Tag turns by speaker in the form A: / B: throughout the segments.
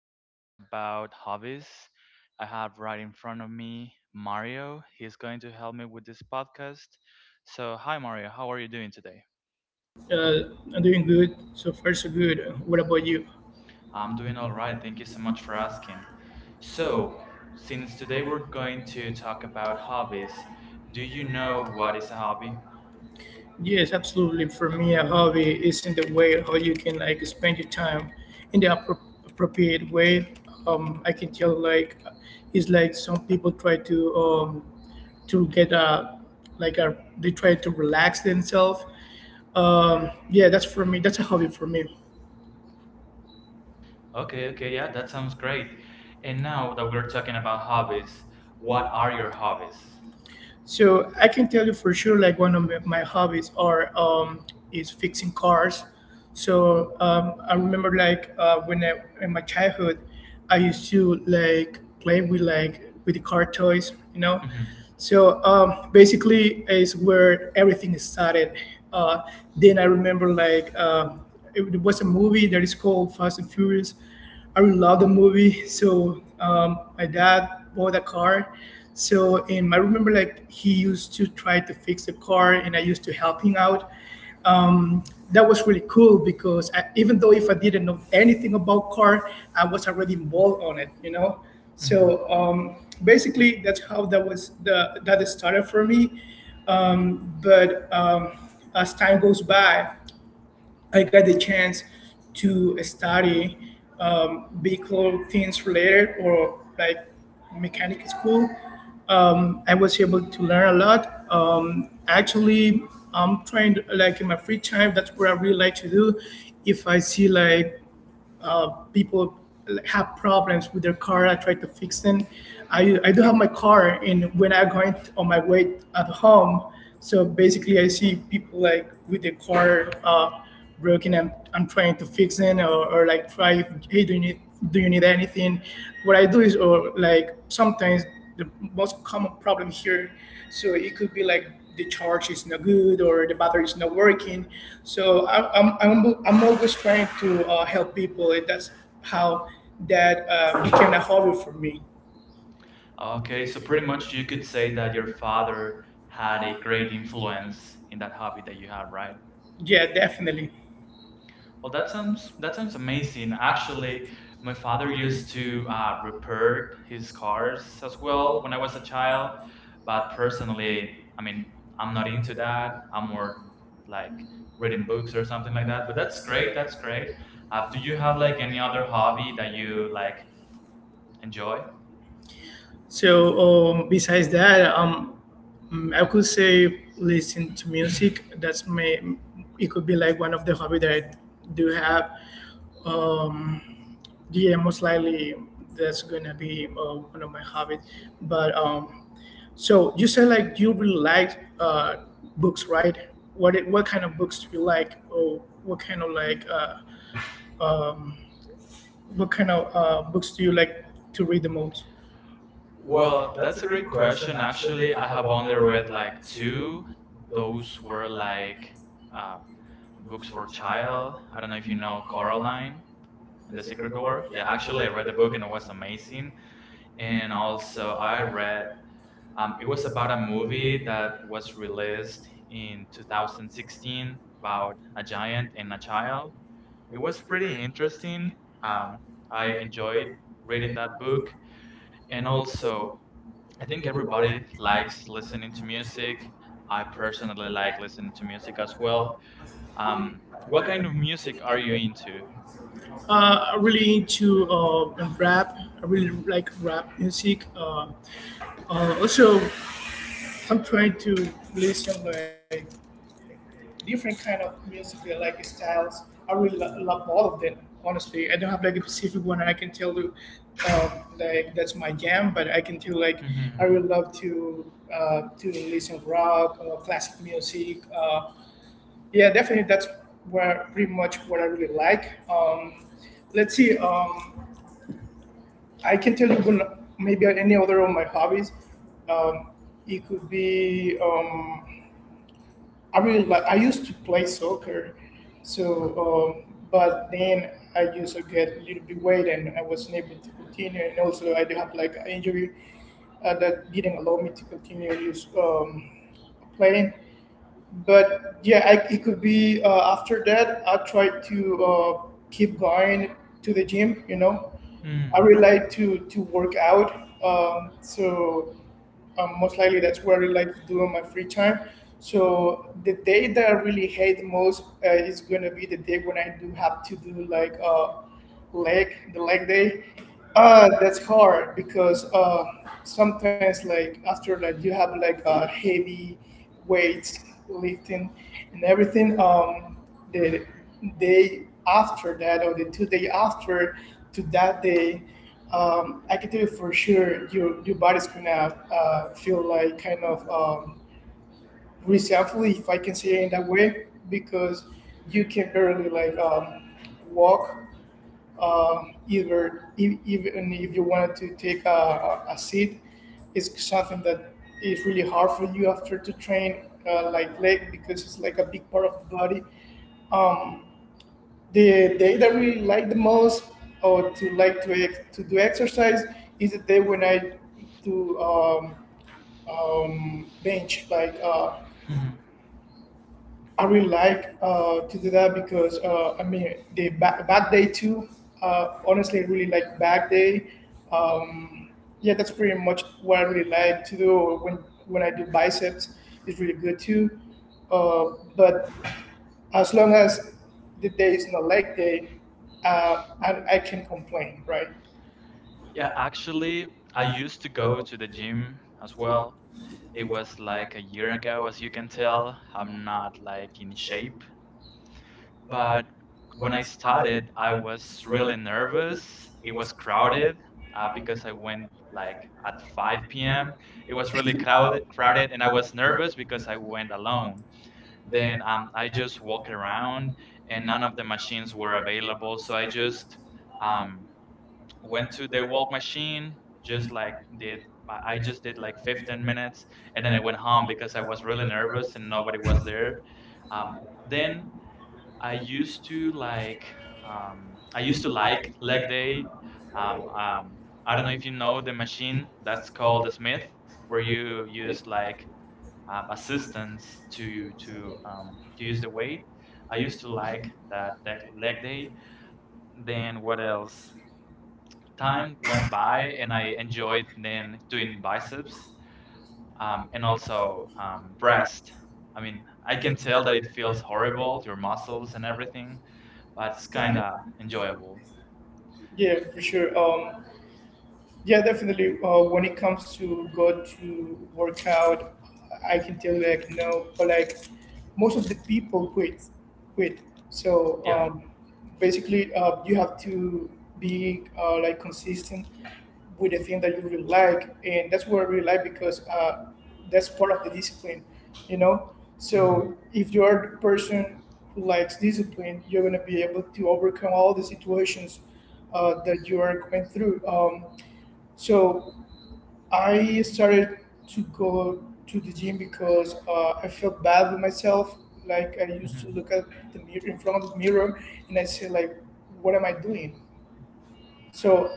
A: going to talk about hobbies. I have right in front of me Mario. He's going to help me with this podcast. So, hi Mario, how are you doing today?
B: Uh, I'm doing good. So far, so good. What about you?
A: I'm doing all right. Thank you so much for asking. So,
B: So,
A: since
B: since
A: today
B: today we're
A: we're
B: talking
A: going to talk about
B: about
A: hobbies,
B: hobbies,
A: do you
B: you
A: know
B: know
A: what
B: what
A: is
B: is
A: a
B: a hobby?
A: hobby?
B: Yes, absolutely. For me, a hobby is in the way how you can like spend your time in the appropriate way. I can tell like it's like some people try to to get a like a they try to relax themselves. Yeah, that's for me. That's a hobby for me.
A: Okay,
B: Okay,
A: okay, yeah, that sounds great. And now that we're talking about hobbies,
B: hobbies. What
A: what are
B: are
A: your
B: your hobbies?
A: hobbies?
B: So I can tell you for sure, like one of my hobbies are is fixing cars. So I remember like when I in my childhood, I used to like play with like with the car toys, you know.
A: Mm-hmm.
B: So basically, is where everything started. Uh, then I remember like it was a movie that is called Fast and Furious. I really love the movie. So my dad bought a car. So and I remember like he used to try to fix the car, and I used to help him out. Um, that was really cool because I, even though if I didn't know anything about car, I was already involved on it. You know,
A: Mhm.
B: so basically that's how that was the that started for me. But as time goes by, I got the chance to study vehicle things related or like mechanic school. I was able to learn a lot. Actually, I'm trying to, like in my free time. That's what I really like to do. If I see like people like, have problems with their car, I try to fix them. I do have my car, and when I'm going on my way at home, so basically I see people like with their car broken, and I'm trying to fix it, or like try, if, hey, do you need anything? What I do is, or like sometimes the most common problem here, so it could be like the charge is not good or the battery is not working. So I'm always trying to help people. And that's how that became a hobby for me.
A: Okay,
B: Okay,
A: so
B: so
A: pretty
B: pretty
A: much
B: much
A: you could
B: you
A: say
B: say
A: that
B: that
A: your
B: your
A: father
B: father
A: had
B: had
A: a
B: a
A: great
B: great influence.
A: influence in that hobby that you have, right?
B: Yeah, definitely.
A: Well, that sounds amazing. Actually,
B: Actually,
A: my
B: my
A: father
B: father
A: used
B: used to
A: to repair
B: her
A: his
B: as
A: cars as well
B: well.
A: when I
B: When
A: was a child,
B: I,
A: but personally,
B: personally,
A: I mean, I'm not into that. I'm more
B: like
A: like
B: reading
A: reading books
B: books
A: or
B: or
A: something
B: something
A: like
B: like
A: that.
B: that.
A: But
B: But
A: that's
B: that's
A: great.
B: great.
A: That's great. Do
B: Did
A: you
B: you
A: have
B: have
A: like
B: like
A: any
B: any
A: other
B: other
A: hobby
B: hobby
A: that
B: that
A: you
B: you like
A: like
B: enjoy?
A: enjoy?
B: So besides that, I could say listen to music. That's my. It could be like one of the hobby that I do have. Um, yeah, most likely that's gonna be one of my hobbies. But so you said like you really like books, right? What kind of books do you like, or what kind of like what kind of books do you like to read the most?
A: Well,
B: Well, that's a
A: that's a
B: great
A: great
B: question.
A: question.
B: Actually,
A: Actually,
B: I
A: I
B: have
A: have only
B: underread
A: read like two.
B: two. Though,
A: Those were like
B: I
A: uh, books for child.
B: don't know
A: I don't know
B: if
A: if
B: you
A: you
B: know
A: know
B: Coraline,
A: Coraline and
B: The
A: the
B: Secret
A: Secret
B: Door.
A: Door.
B: Yeah,
A: Yeah,
B: actually,
A: actually, I
B: I read
A: read
B: the
A: the
B: book
A: book
B: and
A: and
B: it
A: it
B: was
A: was
B: amazing.
A: amazing.
B: And
A: And
B: also,
A: also, I
B: I
A: read.
B: read it
A: It was
B: was
A: about a
B: about a
A: movie
B: movie
A: that
B: that
A: was
B: was released
A: released
B: in
A: in
B: 2016
A: 2016 about
B: about
A: a
B: a giant
A: giant and
B: and
A: a
B: a
A: child.
B: child.
A: It
B: It
A: was
B: was pretty
A: pretty interesting.
B: interesting. Um,
A: Um, I
B: I
A: enjoyed
B: enjoyed
A: reading
B: reading
A: that
B: that
A: book,
B: book.
A: and
B: And
A: also
B: also,
A: I
B: I
A: think
B: think everybody
A: everybody
B: likes
A: likes
B: listening
A: listening to
B: to
A: music.
B: music.
A: I
B: I
A: personally
B: personally
A: like
B: like listening
A: listening to
B: to music
A: music as
B: as
A: well.
B: well. Um,
A: What
B: what kind
A: kind of
B: of
A: music
B: music
A: are
B: are
A: you
B: you into?
A: into?
B: I'm really into rap. I really like rap music. Also, I'm trying to listen like different kind of music like styles. I really love all of them. Honestly, I don't have like a specific one, and I can tell you um, like that's my jam. But I can tell like I
A: Hmm.
B: really love to listen rock, classic music. Yeah, definitely that's where pretty much what I really like. Let's see. I can tell you one, maybe any other of my hobbies. Um, it could be. I really like. I used to play soccer, so but then I used to get a little bit weight, and I wasn't able to continue. And also, I do have like an injury that didn't allow me to continue use playing. But yeah, I, it could be after that. I tried to keep going to the gym. You know, I
A: Mm.
B: really like to work out. So most likely that's what I really like to do on my free time. So the day that I really hate the most is gonna be the day when I do have to do like the leg day. That's hard because sometimes like after that you have like heavy weights lifting and everything. The day after that or the two day after to that day. I can tell you for sure, your body's gonna feel like kind of resentful, if I can say it in that way, because you can barely like walk. Either even if you wanted to take a seat, it's something that is really hard for you after to train like leg because it's like a big part of the body. The day that I really like the most, or to like to do exercise, is the day when I do bench. Like
A: Mhm.
B: I really like to do that because I mean the back, back day too. Honestly, I really like back day. Uh, Yeah, that's pretty much what I really like to do. Or when I do biceps, it's really good too. But as long as the day is not leg day, I can complain, right?
A: Yeah,
B: Yeah, actually,
A: actually, I
B: I used to
A: used to
B: go
A: go to the
B: to the gym
A: gym as
B: before
A: well. It
B: it was
A: was like a year ago, as you can
B: up,
A: tell. I'm not like in shape.
B: but
A: But
B: when
A: when
B: I
A: I
B: started,
A: started, I
B: I
A: was
B: was really
A: really nervous.
B: nervous.
A: It
B: It was
A: was
B: crowded
A: crowded
B: because
A: because I
B: it went
A: went
B: like
A: like at
B: at
A: 5
B: 5 p.m.
A: p.m. It
B: It was
A: was really
B: really
A: crowded,
B: loud, crowded.
A: crowded, and I was nervous because I went alone.
B: Then
A: Then I just walked around, and none of the machines were available. So I just
B: um,
A: um,
B: went
A: went
B: to
A: to the
B: the
A: walk
B: walk machine,
A: machine, just
B: just
A: like
B: like
A: did.
B: did,
A: My- I
B: I
A: just
B: just
A: did
B: did
A: like
B: like 15
A: 15
B: minutes,
A: minutes, and
B: and
A: then
B: then
A: I
B: I
A: went
B: went
A: home
B: home
A: because
B: because
A: I
B: I was
A: was really
B: really
A: nervous
B: nervous and
A: and nobody
B: nobody
A: was
B: was there.
A: there. Um,
B: Um, then
A: then I
B: I
A: used to
B: do
A: like I
B: I
A: used
B: used
A: to
B: to like
A: like leg day. Um,
B: uh,
A: um, I don't know if you know the machine that's
B: it's
A: called
B: called
A: a Smith, where
B: where you
A: you use like assistance to use the weight. I used to like that leg day. Then what else? Time went by
B: I
A: and I enjoyed then doing biceps and also breast. I mean, I can
B: can tell
A: tell that it
B: like
A: feels horrible,
B: horrible.
A: your muscles and everything, but
B: It's
A: it's kind
B: kind of
A: of enjoyable.
B: Yeah, for sure. Yeah, definitely. When it comes to go to workout, I can tell you like no, but like most of the people quit. So
A: Yeah.
B: yeah. Basically, you have to be like consistent with the thing that you really like, and that's what I really like because that's part of the discipline, you know. Hmm.
A: Hmm.
B: So if you are the person who likes discipline, you're gonna be able to overcome all the situations that you are going through. So I started to go to the gym because I felt bad with myself. Like I used
A: Hmm.
B: to look at the mirror in front of the mirror and I say like, what am I doing? So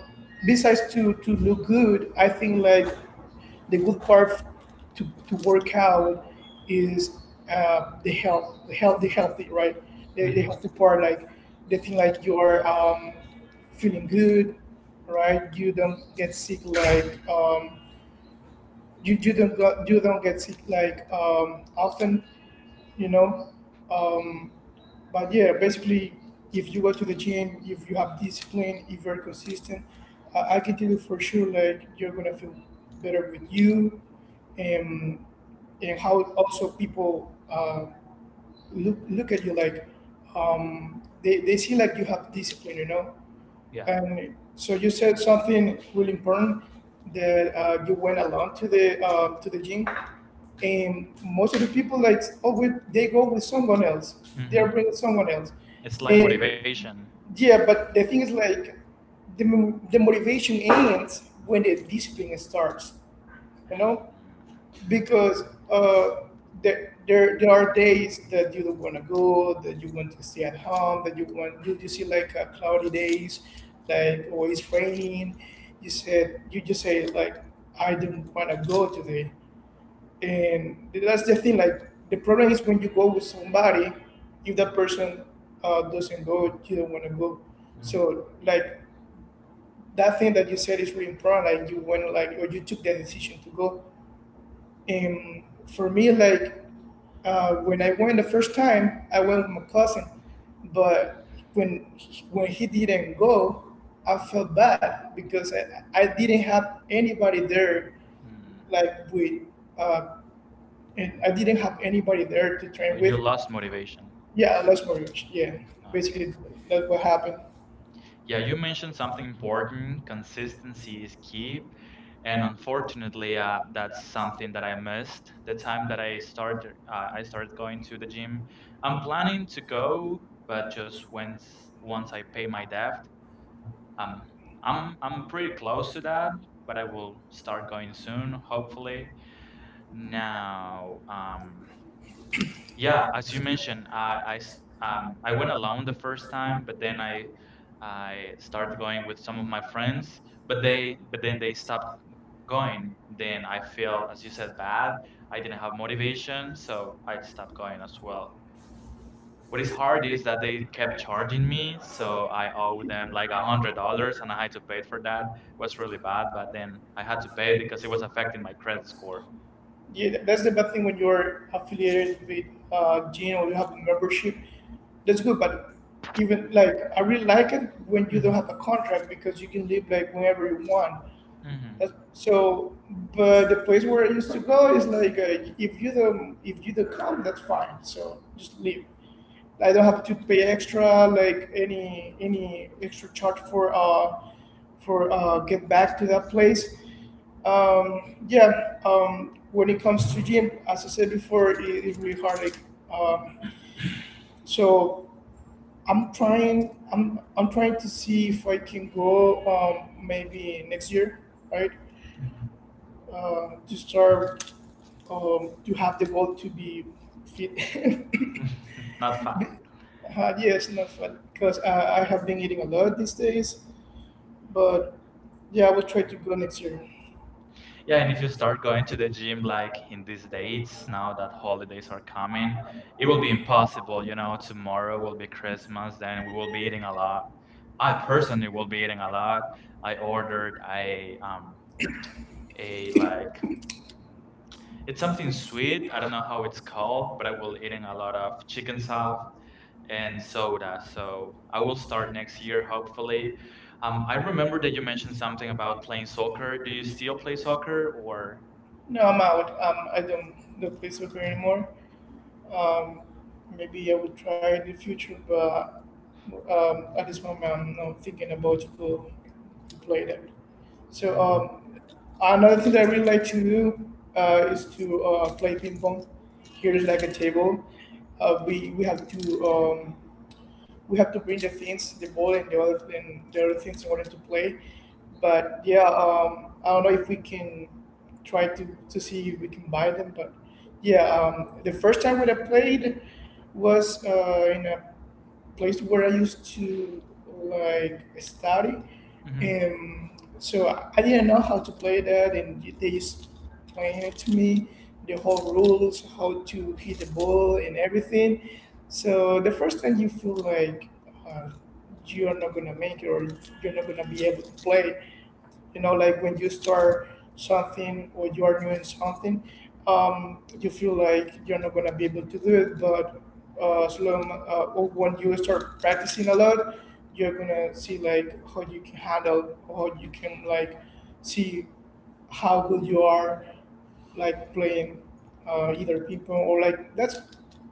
B: besides to look good, I think like the good part to work out is the health, the health, the healthy, right? The
A: Hmm.
B: healthy part, like the thing like you're feeling good, right? You don't get sick like you don't got, you don't get sick like often, you know. But yeah, basically, if you go to the gym, if you have discipline, if you're consistent, I can tell you for sure like you're gonna feel better with you and and how also people look at you like. They see like you have discipline, you know.
A: Yeah.
B: Yeah. And so you said something really important that you went alone to the gym, and most of the people like oh with, they go with someone else, they are
A: Hmm.
B: bringing someone else, It's
A: It's
B: not
A: like
B: and great.
A: motivation.
B: Yeah. But the thing is like the motivation ends when the discipline starts, you know
A: Mm-hmm.
B: because uh, there are days that you don't want to go, that you want to stay at home, that you want you see like cloudy days, like always raining. You said you just say like I don't want to go today, and that's the thing. Like the problem is when you go with somebody, if that person doesn't go, you don't want to go. So like that thing that you said is really important. Like you went like or you took the decision to go. And for me, like when I went the first time, I went with my cousin, but when when he didn't go, I felt bad because I didn't have anybody there,
A: Mm-hmm.
B: like with, uh, and I didn't have anybody there to
A: Oh,
B: train with.
A: you
B: You
A: lost
B: lost me.
A: motivation.
B: Yeah, that's what. Yeah,
A: Okay.
B: basically that's what happened.
A: Yeah,
B: Yeah,
A: you
B: you
A: mentioned
B: mentioned
A: something
B: something important,
A: important. Consistency is key. And
B: and
A: unfortunately that's something that I missed. The time that I started, I started going to the gym. I'm planning to go, but just once I pay my debt. um,
B: I'm,
A: I'm
B: I'm
A: pretty
B: pretty
A: close
B: close
A: to
B: to
A: that,
B: that.
A: but I will
B: It's
A: start going soon, hopefully.
B: like now.
A: Now yeah,
B: Yeah.
A: as you mentioned, I
B: I
A: went
B: went on
A: alone the first time, but then I started going with some of my friends, but they but then they stopped going.
B: going,
A: Then
B: then
A: I
B: I
A: feel,
B: felt
A: as
B: this
A: you
B: is
A: said, bad.
B: bad.
A: I
B: I
A: didn't
B: didn't
A: have
B: have motivation,
A: motivation, so
B: so
A: I
B: I just
A: stopped
B: not going
A: going as
B: too
A: well.
B: well.
A: What
B: What
A: is
B: is
A: hard
B: hard
A: is
B: is
A: that
B: that
A: they
B: they
A: kept
B: kept
A: charging
B: charging me,
A: me, so
B: so
A: I
B: I
A: owe
B: only did
A: them
B: like
A: like a
B: one
A: hundred
B: hundred
A: dollars
B: dollars,
A: and
B: and
A: I
B: I
A: had to
B: couldn't
A: pay
B: pay
A: it for
B: for
A: that.
B: that.
A: It
B: It was
A: was really
B: really
A: bad, but
B: bad, and
A: then I
B: I
A: had
B: had
A: to
B: to
A: pay it
B: pay
A: because
B: because
A: it
B: it
A: was
B: was
A: affecting
B: affecting
A: my
B: my
A: credit
B: credit score.
A: score.
B: Yeah, that's the bad thing when you're affiliated with Gene, or you have a membership. That's good, but even like I really like it when you don't
A: Hmm.
B: have a contract because you can leave like whenever you want.
A: Hmm.
B: That's, so, but the place where I used to go is like if you don't, if you don't come, that's fine. So just leave. I don't have to pay extra, like any extra charge for get back to that place. Yeah. When it comes to gym, as I said before, it's really hard. Like, um, so I'm trying. I'm trying to see if I can go. Maybe next year, right? To start. To have the goal to be fit.
A: Not fat.
B: Yes, not fun because I have been eating a lot these days. But yeah, I will try to go next year.
A: Yeah, and if you start going to the gym like in these dates, now that holidays are coming, it will be impossible. You know, tomorrow will be Christmas, then we will be eating a lot. I personally will be eating a lot. I ordered a a like it's something sweet. I don't know how it's called, but I will eating a lot of chicken stuff and soda. So I will start next year, hopefully. I
B: I
A: remember
B: remember
A: that you mentioned something about playing soccer. Do you still play
B: the
A: soccer
B: soccer.
A: or?
B: No, I'm out. I don't do play soccer
A: Mhm.
B: anymore. Maybe I would try in the future, but at this moment, I'm not thinking about to go to play that. So
A: Mm.
B: another thing that I really like to do is to play ping pong. Here's like a table. We have to we have to bring the things, the ball, and the other things in order to play. But yeah, I don't know if we can try to see if we can buy them. But yeah, the first time when I played was in a place where I used to like study,
A: Hmm.
B: and so I didn't know how to play that, and they just playing it to me the whole rules, how to hit the ball, and everything. So the first time you feel like uh, you are not gonna make it or you're not gonna be able to play, you know, like when you start something or you are new in something, you feel like you're not going to be able to do it, but as long or when you start practicing a lot, you're going to see like how you can handle or how you can like see how good you are like playing either people or like that's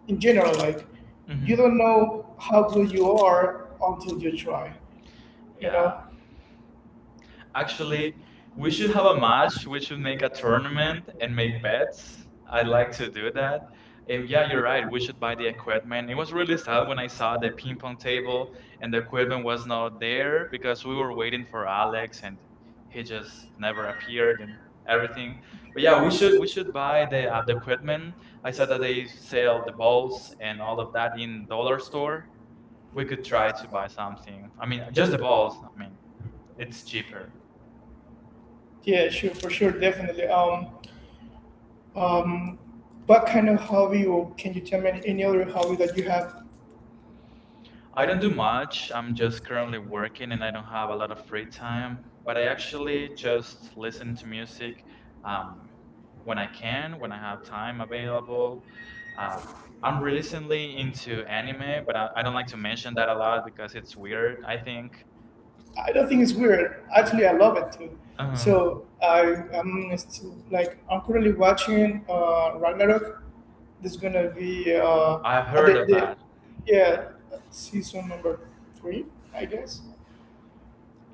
B: in general. Like you
A: Hmm.
B: don't know how good you are until you try you. Yeah,
A: Yeah.
B: know actually,
A: Actually, we
B: we
A: should
B: should
A: have a
B: have
A: match. We should make
B: a
A: a
B: tournament.
A: tournament and make bets.
B: I
A: I like
B: like
A: to
B: to,
A: do that. And
B: if you
A: yeah,
B: have
A: you're
B: your
A: right. We should buy the
B: own question
A: equipment. It was really sad
B: stuff,
A: when I saw the ping pong table and the equipment was not there because we were waiting for Alex and he just never appeared and everything.
B: everything.
A: But
B: But
A: yeah,
B: yeah,
A: we
B: we should
A: should we
B: we should
A: should buy
B: buy
A: the uh, the
B: the equipment.
A: equipment. I
B: Like
A: saw
B: said that
A: that
B: they
A: they
B: used to
A: sell
B: sell
A: the
B: the
A: balls
B: balls and
A: and
B: all
A: all of
B: of
A: that
B: that
A: in
B: in the
A: dollar
B: dollar store.
A: store. We could try to buy something. I mean, just the
B: The
A: balls.
B: balls.
A: I mean, it's cheaper.
B: Yeah, sure, for sure, definitely. Um, what kind of hobby, or can you tell me any other hobby that you have?
A: I
B: I
A: don't
B: don't
A: do
B: do much,
A: much. I'm just
B: just
A: currently working and I don't have a lot of free time.
B: but
A: But I
B: I actually
A: actually just
B: just
A: listen to music um, when I can, when I have time available. Uh, I'm recently into anime, but I don't like to mention that a lot because it's weird, I think.
B: I don't think it's weird. Actually, I love it too.
A: Uh,
B: So I am still like I'm currently watching Ragnarok. There's gonna be
A: I've heard of
B: the
A: that.
B: yeah
A: Yeah.
B: season number three, I guess.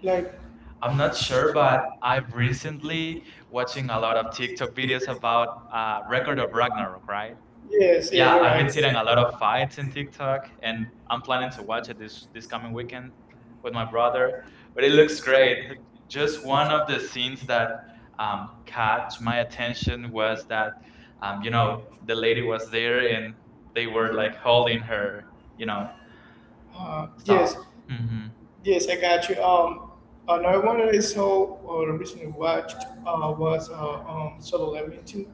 B: Like
A: I'm not sure, but I've recently watching a lot of TikTok videos about Record of Ragnarok, right?
B: yes,
A: Yeah, I've
B: yeah,
A: been seeing a lot of fights in TikTok, and I'm planning to watch it this coming weekend with my brother. But it looks great. Just one of the scenes that caught my attention was that, um, you
B: you're
A: know, the lady
B: right.
A: was there and they
B: They
A: were
B: were
A: like
B: like calling.
A: holding her, you know, stuff.
B: Yes, Mhm.
A: Hmm.
B: Yes, I got you. Another one that I saw or recently watched was Solo Leveling 2.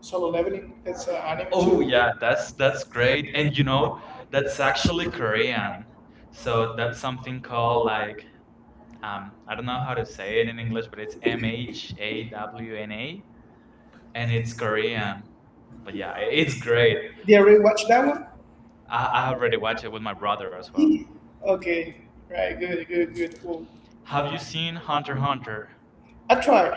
B: Solo Leveling, that's an anime. Oh
A: Oh
B: too.
A: yeah,
B: Yeah,
A: that's
B: that's
A: that's
B: great.
A: great. And
B: No,
A: that's
B: that's
A: actually
B: actually great.
A: Korean. So
B: So
A: that's
B: that's
A: something called
B: called like
A: like I don't know how to say it in
B: in the
A: English, but it's M
B: basically
A: H A W N A and it's
B: it's Korean.
A: Korean. But yeah,
B: Yeah,
A: it's
B: it's great.
A: great.
B: Did you ever watch that one?
A: I
B: I,
A: already watched it with my brother as
B: I
A: well.
B: Okay, right, good, good, good, cool.
A: Have you seen Hunter x Hunter?
B: I try.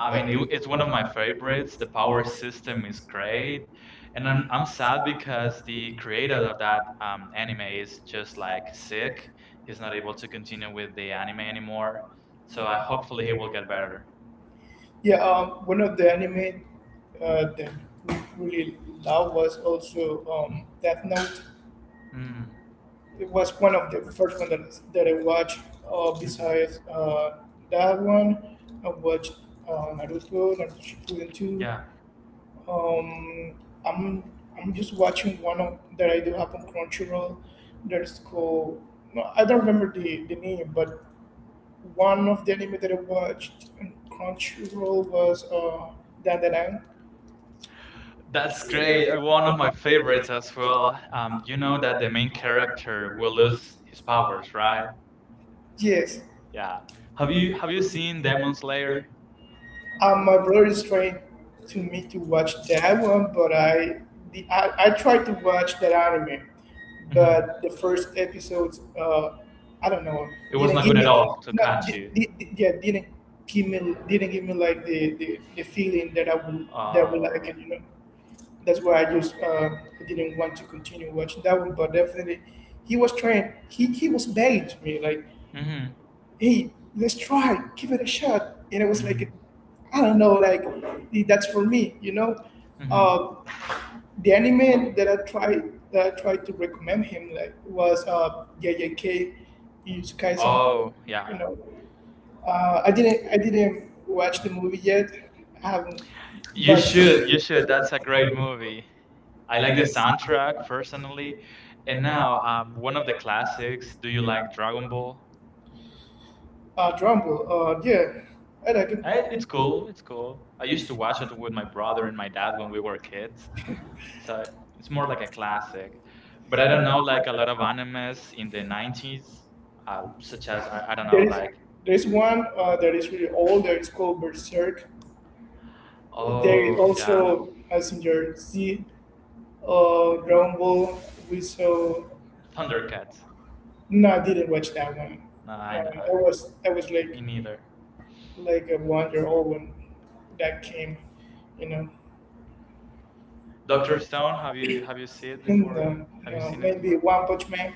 A: I mean,
B: I mean,
A: it's
B: you
A: one of my favorites. The power
B: our citizens,
A: system is great, and I'm sad because the creator of that anime is just like sick. He's not able to continue with the anime anymore. So
B: so
A: I
B: I
A: hopefully
B: hopefully
A: he
B: it
A: will
B: will.
A: get better.
B: Yeah, one of the anime that we really love was also Death Note.
A: Mm,
B: It was one of the first one that I watched. Uh,
A: mhm.
B: besides uh, that one, I watched Naruto, Naruto Shippuden 2.
A: Yeah,
B: Yeah. Um, I'm I'm just watching one of, that I do have on Crunchyroll. That's called no, I don't remember the name, but one of the anime that I watched on Crunchyroll was Dandadan.
A: that's
B: That's
A: great.
B: really a
A: One of my
B: favorite
A: favorites as well. You know that the main character will lose his
B: Flower.
A: powers, right?
B: Yes,
A: Yeah. Have
B: Have
A: you
B: you
A: have you seen Demon Slayer?
B: My brother is trying to me to watch that one, but I the I tried to watch that anime,
A: Hmm.
B: but the first episodes, I don't know,
A: It was
B: it
A: not
B: was didn't not give good at
A: good
B: me really
A: at all
B: all.
A: to
B: Not
A: catch
B: di-
A: you.
B: di- di- Yeah, didn't give me like the feeling that I would like
A: Oh.
B: it, you know. That's why I just didn't want to continue watching that one. But definitely, he was trying. He was begging to me like, Mhm.
A: Mhm.
B: "Hey, let's try, give it a shot." And it was
A: Mhm.
B: like, I don't know, like that's for me, you know. Mhm.
A: Mhm.
B: The anime that I tried to recommend him like was JJK Jujutsu Kaisen. Oh,
A: Oh, yeah.
B: you know, I didn't watch the movie yet. I haven't, you
A: You
B: but
A: should.
B: should.
A: You should. That's a great movie. I
B: I
A: like
B: like
A: the
B: this.
A: soundtrack personally. And now, one of the classics. Do you like Dragon Ball?
B: Trumbull, yeah, I like it. I
A: It's
B: think
A: cool.
B: so.
A: It's cool. I
B: I
A: used
B: used
A: to
B: to
A: watch it
B: watch
A: with my brother and
B: Robert,
A: my dad when we were kids. So it's more like a classic. But
B: but
A: I
B: I
A: don't
B: don't
A: know,
B: know.
A: like a lot of animes in the 90s, such as I don't know,
B: There is
A: like,
B: there is one that is really old. That is called Berserk. Oh, there is
A: oh yeah,
B: also Messenger Z, Dragon Ball. We saw.
A: Thundercats.
B: No, I didn't watch that one.
A: No, I
B: No,
A: know.
B: I was like
A: Me neither.
B: a 1 year old when that came, you know.
A: Doctor
B: Dr.
A: Stone.
B: Song,
A: Have you seen it before?
B: no,
A: Have you
B: no,
A: seen it
B: maybe
A: before?
B: One Punch Man.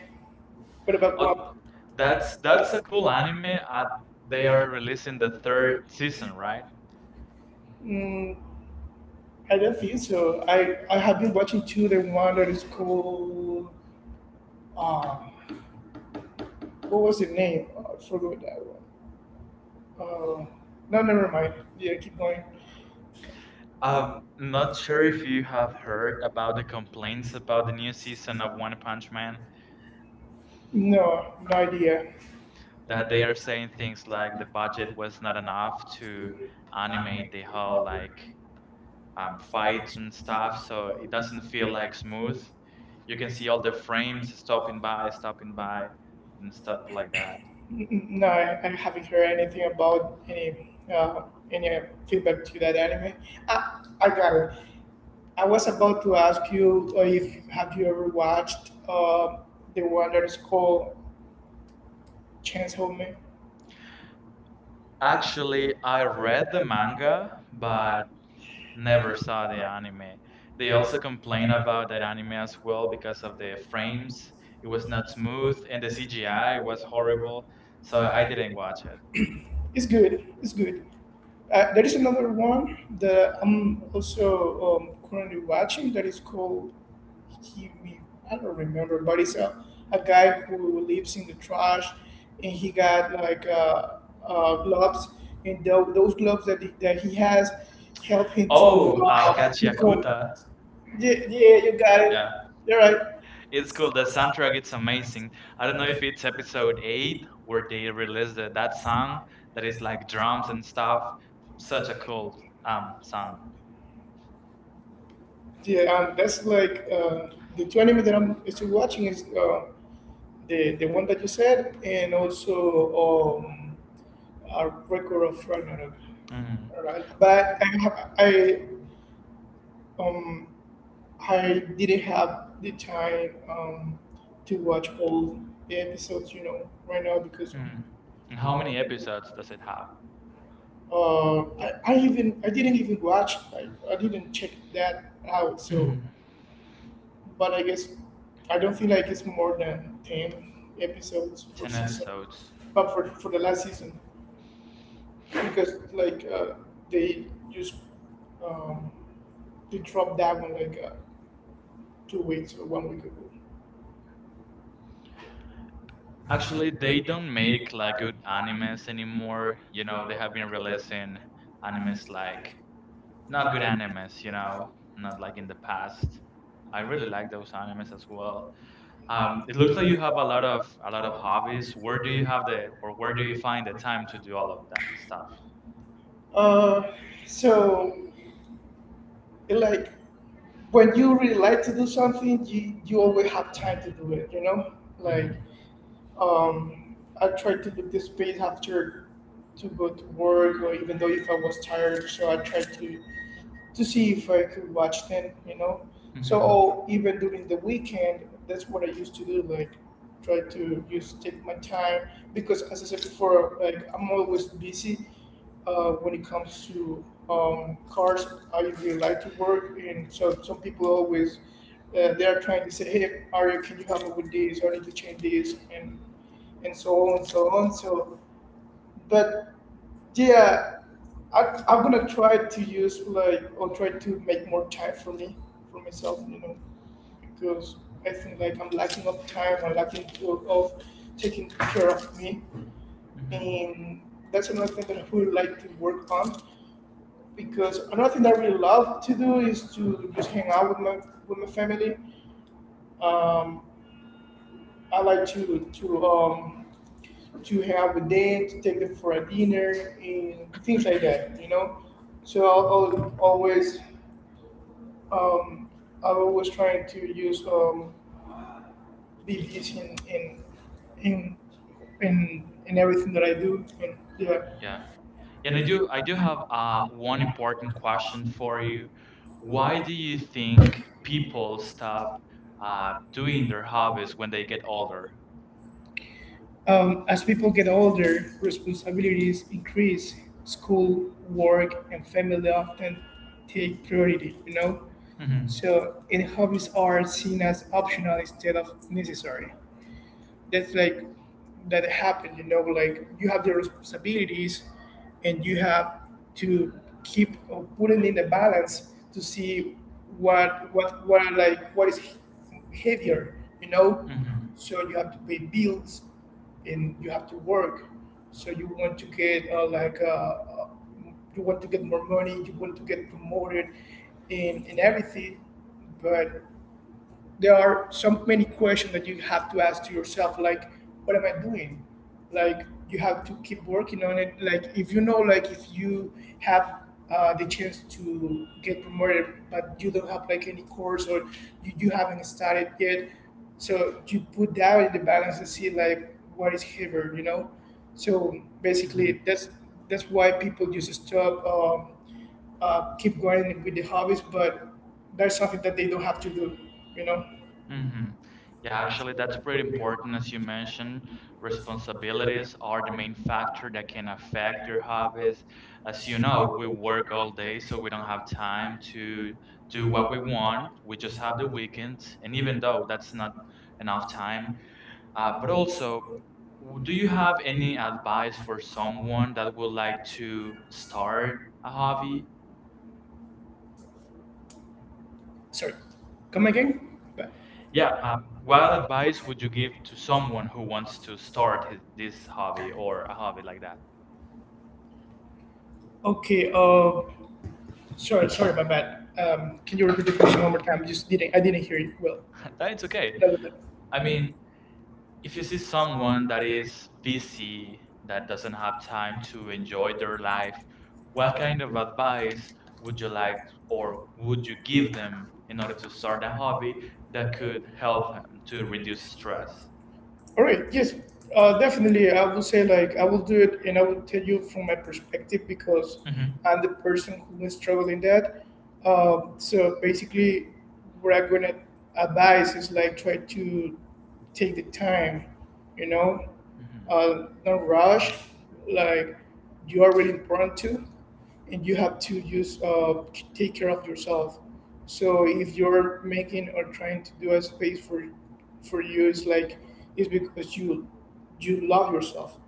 B: What about
A: Oh,
B: One? That's
A: that's a cool
B: cool.
A: anime.
B: They
A: They
B: are
A: are releasing the third
B: very recent,
A: season,
B: right?
A: right?
B: Mm, I don't think so. I have been watching too the one that is called um, what was the name? Oh, I forgot that one. Uh, no, never mind. Yeah, keep going.
A: Not sure
B: Very
A: if you
B: recent,
A: have heard about the complaints about the
B: uh,
A: new season of One Punch Man.
B: No, no idea. That
A: That
B: they
A: they are
B: are
A: saying
B: setting
A: things like
B: aside
A: the
B: the
A: budget
B: budget
A: was not enough
B: enough
A: to
B: to animate
A: animate the
B: the
A: whole
B: public
A: like
B: fight
A: fights and stuff,
B: stuff,
A: so
B: so
A: it
B: it
A: doesn't
B: doesn't
A: feel
B: feel
A: like smooth.
B: smooth.
A: You can see all the frames stopping by, stopping by, and stuff
B: Stuff
A: like
B: like
A: that.
B: that. No, I haven't heard anything about any feedback to that anime. Ah, I got it. I was about to ask you if have you ever watched the one that is called Chainsaw Man?
A: Actually, I read the manga, but
B: But
A: never
B: never
A: saw the
B: stopped.
A: anime. They
B: They
A: also
B: also
A: complain
B: complain about
A: about that anime as well
B: football
A: because
B: because
A: of the frames. It
B: it
A: was
B: was not
A: not smooth,
B: moved.
A: and the
B: Yeah,
A: CGI
B: it
A: was
B: was horrible.
A: horrible, so
B: So
A: I
B: I
A: didn't
B: did.
A: watch it.
B: It's good. It's good. There is another one that I'm also currently watching that is called he, I don't remember, but it's a guy who lives in the trash and he got like gloves and those gloves that he, has help him to Oh,
A: Oh,
B: I can't to remember
A: Gachiakuta.
B: that. Yeah, yeah, you got it.
A: Yeah.
B: Yeah. You're
A: It's cool. The soundtrack it's amazing. I don't know if it's episode eight where they released that song that is like drums and stuff. Such a cool
B: right.
A: song.
B: Yeah, and that's like the two anime that I'm still watching is the one that you said, and also um, a record of Ragnarok.
A: Mm,
B: All right, but I have, um I didn't have the time to watch all the episodes, you know, right now because
A: mm. And how
B: How
A: many
B: many?
A: episodes does it have?
B: I even I didn't even watch I didn't check that out, so
A: Mhm.
B: but I guess I don't feel like it's more than 10 episodes per
A: Ten
B: season.
A: episodes.
B: But for the last season, because like they just um, they dropped that one like 2 weeks or 1 week ago.
A: Actually,
B: Actually, they
A: they
B: don't
A: don't
B: make
A: make like
B: like
A: good
B: animes
A: animes
B: anymore,
A: anymore. You
B: you
A: know,
B: know,
A: they have
B: that
A: been
B: are realistic
A: releasing animes
B: animes like
A: like not
B: not
A: good
B: good animes,
A: animes. You
B: you
A: know,
B: know,
A: not
B: not
A: like
B: like
A: in
B: in
A: the
B: the
A: past.
B: past.
A: I
B: I
A: really
B: really
A: like
B: like
A: those animes as well. It
B: it
A: looks
B: looks
A: like
B: like
A: you
B: you have
A: have a lot of hobbies.
B: hobbies
A: Where do you
B: pretty
A: find the
B: fun.
A: time to do all of that stuff?
B: Uh, so like when you really like to do something, you always have time to
A: Mm.
B: do it. You know, like
A: Mhm.
B: I try to book the space after to go to work, or even though if I was tired, so I try to see if I could watch them, you know. So,
A: Mhm.
B: oh, even during the weekend, that's what I used to do, like try to just take my time because, as I said before, like I'm always busy when it comes to cars. I usually like to work, and so some people always they are trying to say, "Hey, Aria, can you help me with this? I need to change this," and so on and so on. So, but yeah, I'm gonna try to use like or try to make more time for me, for myself, because I think like I'm lacking of time or lacking of taking care of me,
A: Mhm.
B: and that's another thing that I would like to work on. Because another thing that I really love to do is to just hang out with my family. Um, I like to have a date, to take them for a dinner, and things like that. So um, I'm always trying to use BBs in in everything that I do, and yeah.
A: Yeah. And
B: And
A: I
B: I
A: do
B: do
A: I do have one important question for
B: for you.
A: you. Why
B: Why
A: do
B: do
A: you
B: you
A: think people stop
B: love
A: doing
B: doing
A: their hobbies when they
B: that
A: get
B: over?
A: older?
B: As people get older, responsibilities increase. School, work, and family often take priority, you know? So, and hobbies are seen as optional instead of necessary. That's like that happen, you know? Like you have the responsibilities, and you have to keep putting in the balance to see what are like what is heavier, you know?
A: Mhm.
B: So you have to pay bills and you have to work, so you want to get like you want to get more money, you want to get promoted in everything. But there are so many questions that you have to ask to yourself, like what am I doing? Like you have to keep working on it. Like if you know like if you have the chance to get promoted, but you don't have like any course, or you haven't started yet, so you put that in the balance and see like what is heavier, you know? So
A: Hmm.
B: basically that's why people just stop keep going with the hobbies, but there's something that they don't have to do, you know? Mhm.
A: Hmm. Yeah,
B: Yeah,
A: actually,
B: actually,
A: that's pretty
B: when we want
A: important. As you mentioned,
B: responsibility or
A: responsibilities are the
B: I mean,
A: main
B: back
A: factor that can
B: then,
A: affect
B: back
A: your
B: to public,
A: hobbies. As
B: as
A: you
B: you
A: know,
B: know,
A: we
B: we work
A: work all
B: all day,
A: day, so
B: so
A: we
B: we
A: don't
B: don't
A: have
B: have
A: time
B: time
A: to
B: to
A: do
B: do
A: what
B: what
A: we
B: we
A: want.
B: want.
A: We
B: We
A: just
B: just
A: have
B: have
A: the
B: to do it.
A: weekends, and even though that's not enough time, but
B: But also,
A: also, do
B: do
A: you
B: you
A: have
B: have
A: any
B: any
A: advice for someone that would like to start a
B: hobby?
A: hobby?
B: Sorry, come again? But- Yeah,
A: Yeah, what
B: well,
A: advice would you give to someone who wants to start
B: sorry.
A: this hobby or a hobby like that?
B: Okay. Sorry, sorry, my bad. Can you repeat the question one more time? I didn't hear you well.
A: It's okay.
B: That
A: I
B: was
A: mean, if you see someone that is busy, that doesn't have time to enjoy their life, what kind of advice would you like would you give them in order to start a hobby that could help them to reduce
B: it.
A: stress?
B: All right. Yes. Definitely. I will say like I will do it, and I will tell you from my perspective because
A: Hmm.
B: I'm the person who is struggling that. So basically, what I'm gonna advise is like try to take the time, you know,
A: Hmm.
B: don't rush. Like you are really important to and you have to just take care of yourself. So if you're making or trying to do a space for you, it's because you love yourself.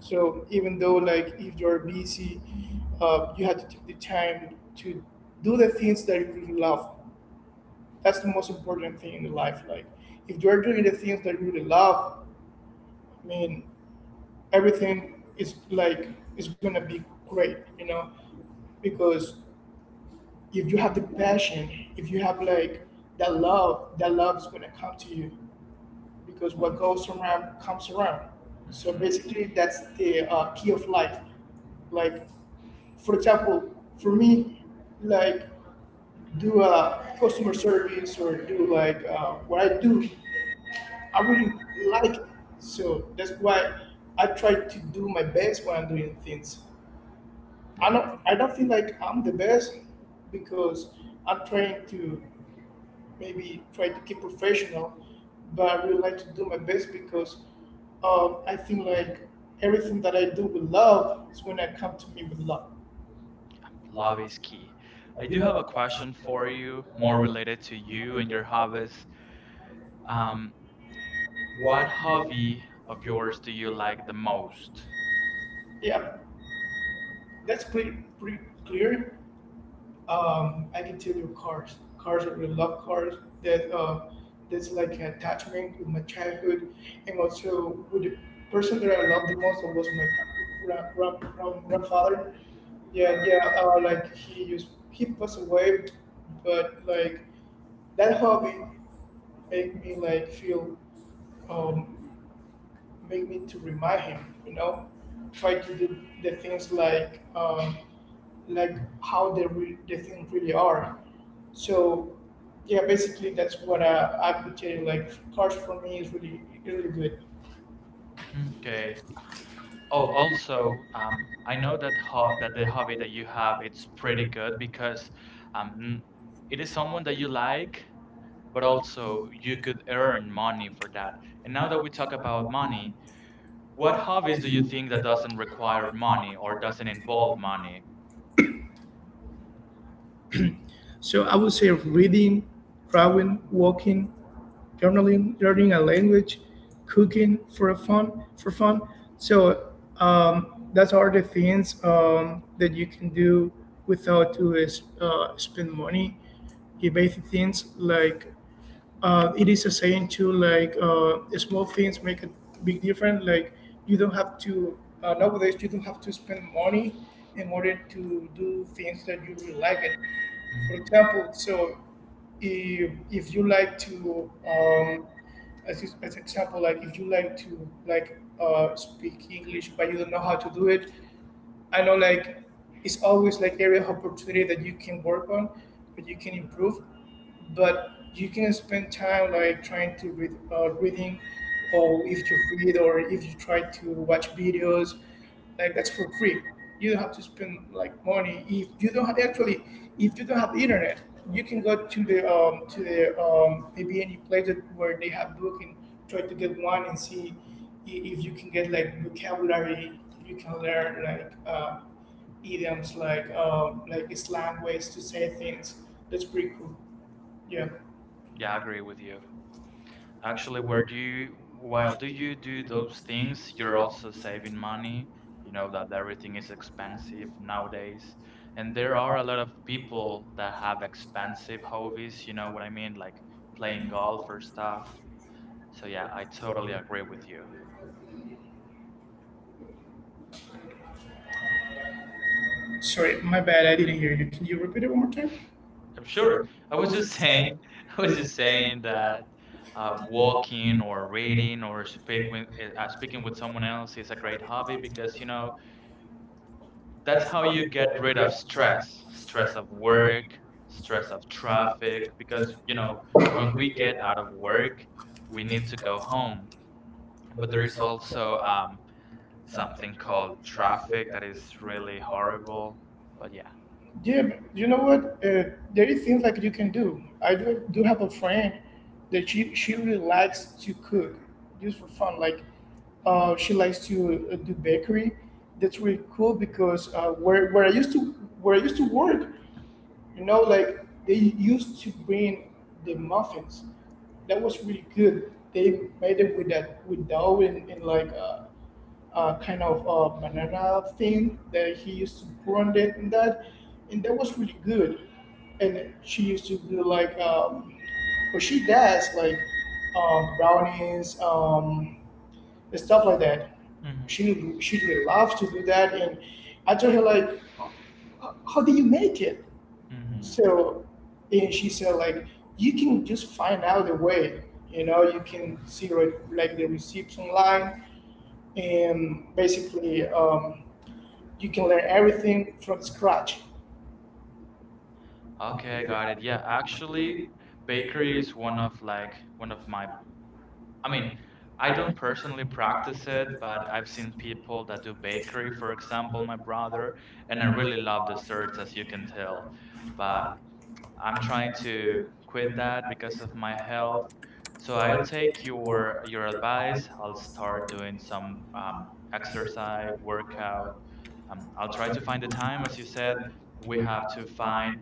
B: So even though like if you're busy, you have to take the time to do the things that you really love. That's the most important thing in life. Like if you're doing the things that you really love, I mean everything is gonna be great, because if you have the passion, if you have like that love is gonna come to you because what goes around comes around.
A: Hmm.
B: So
A: Hmm.
B: basically, that's the key of life. Like, for example, for me, like do customer service or do like what I do, I really like it. So that's why I try to do my best when I'm doing things.
A: Yeah,
B: I don't feel like I'm the best because I'm trying to maybe try to keep professional, but I really like to do my best because I think like everything that I do with love is when I come to me with love. Uh,
A: love is key. I
B: I
A: do
B: do have
A: have a
B: a
A: question for you, more
B: more.
A: related to you and your hobbies. Um, what
B: What hobby
A: hobby of
B: of
A: yours
B: yours
A: do
B: do
A: you
B: you like?
A: like the most?
B: Yeah, that's pretty pretty clear. I can tell you cars. Cars, I really love cars. That uh, that's like an attachment with my childhood, and also with the person that I loved the most was my grandfather. Yeah, yeah. Like he passed away, but like that hobby make me like feel um, make me to remind him, try to do the things like how the things really are, so yeah, basically that's what I could tell you. Like cars for me is really really good.
A: Okay. Oh,
B: Oh, also,
A: also, I
B: I
A: know
B: know that
A: that
B: the
A: ho-
B: cost
A: that
B: of
A: the
B: the
A: hobby
B: hobby
A: that
B: that
A: you
B: you
A: have
B: have
A: it's
B: is
A: pretty
B: pretty
A: good
B: good because
A: because um,
B: um,
A: it
B: it
A: is
B: is
A: someone
B: something
A: that
B: that
A: you
B: you like,
A: like, but
B: but
A: also
B: also
A: you
B: you could
A: could
B: earn
A: earn money
B: money
A: for
B: for
A: that.
B: that.
A: And
B: And
A: now that we talk about money, what
B: what
A: hobbies
B: hobbies
A: do
B: do
A: you
B: you
A: think
B: think
A: that
B: that
A: doesn't
B: doesn't?
A: require money or doesn't involve money?
B: So I would say reading, drawing, walking, journaling, learning a language, cooking for fun. So that's all the things that you can do without to spend money. The basic things, like it is a saying too, like small things make a big difference. Like you don't have to nowadays you don't have to spend money in order to do things that you really like it, for
A: Mhm.
B: example. So if you like to as example, like if you like to speak English, but you don't know how to do it. I know like it's always like area of opportunity that you can work on, but you can improve, but you can spend time like trying to read reading, or if you read or if you try to watch videos like that's for free. You don't have to spend like money if you don't have, actually if you don't have internet, you can go to the maybe any place where they have book and try to get one and see if you can get like vocabulary. You can learn like idioms, like slang, ways to say things. That's pretty cool. Yeah.
A: Yeah, I agree with you. Actually, where do you while
B: Wow.
A: do you do those things, you're also saving money. You know that everything is expensive nowadays, and there are a lot of people that have expensive hobbies. You know what I mean, like playing golf or stuff. So yeah, I totally agree with you.
B: Sorry, my bad. I didn't hear you. Can you repeat it one more time?
A: I'm sure.
B: Sure.
A: I
B: I
A: was
B: was
A: just
B: just.
A: saying, I was just saying that
B: You
A: walking or
B: know,
A: reading or speak
B: they-
A: with, uh, uh, speaking with someone else is a great hobby
B: because,
A: because
B: you know,
A: that's
B: that's
A: how
B: how
A: you
B: you
A: get
B: get
A: rid
B: rid
A: of
B: of
A: stress
B: stress.
A: stress
B: Stress of
A: of
B: work,
A: work, stress
B: stress
A: of
B: of
A: traffic
B: traffic. Because,
A: because when
B: when
A: we
B: we get
A: get out
B: out,
A: of work we need
B: we.
A: to go home, but there is also something called traffic that is really horrible, but yeah.
B: Yeah, but you know what? There is things like you can do. I do have a friend that she really likes to cook just for fun. Like, she likes to do bakery. That's really cool because where where I used to work, like they used to bring the muffins. That was really good. They made it with dough and like kind of banana thing that he used to brand it, and that was really good. And she used to do or she does brownies and stuff like that.
A: Hmm.
B: She really loves to do that, and I told her like, "How do you make it?"
A: Hmm.
B: So, and she said like, "You can just find out the way. You know, you can see the receipts online, and basically you can learn everything from scratch."
A: Okay, I
B: Okay.
A: got it. Yeah, actually, bakery is one of my. I mean, I
B: I
A: don't
B: don't
A: personally practice
B: practice
A: it, but I've seen people that do bakery, for example, my brother, and
B: and
A: I
B: I
A: really
B: really
A: love
B: love
A: desserts, as you can tell. But I'm
B: I'm
A: trying
B: trying
A: to
B: to.
A: quit that because of my health. So
B: So
A: I'll
B: I would
A: take
B: take
A: your
B: your
A: your advice. I'll start
B: part.
A: doing some exercise, workout. I'll try to find the time, as you said. We
B: We
A: have
B: have
A: to
B: to,
A: find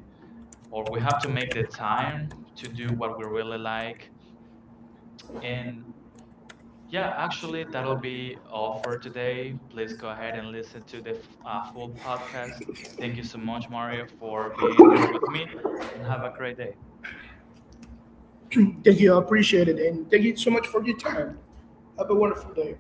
A: or
B: well,
A: we
B: we
A: have
B: have
A: to
B: to
A: make the
B: design
A: time to do what we really like. And
B: and
A: yeah, actually, that'll be all for today. Please go ahead and listen to the full podcast. Thank you
B: offer.
A: so much, Mario, for being here with me, and have a great day.
B: Thank you. I appreciate it. And thank you so much for your time. Have a wonderful day.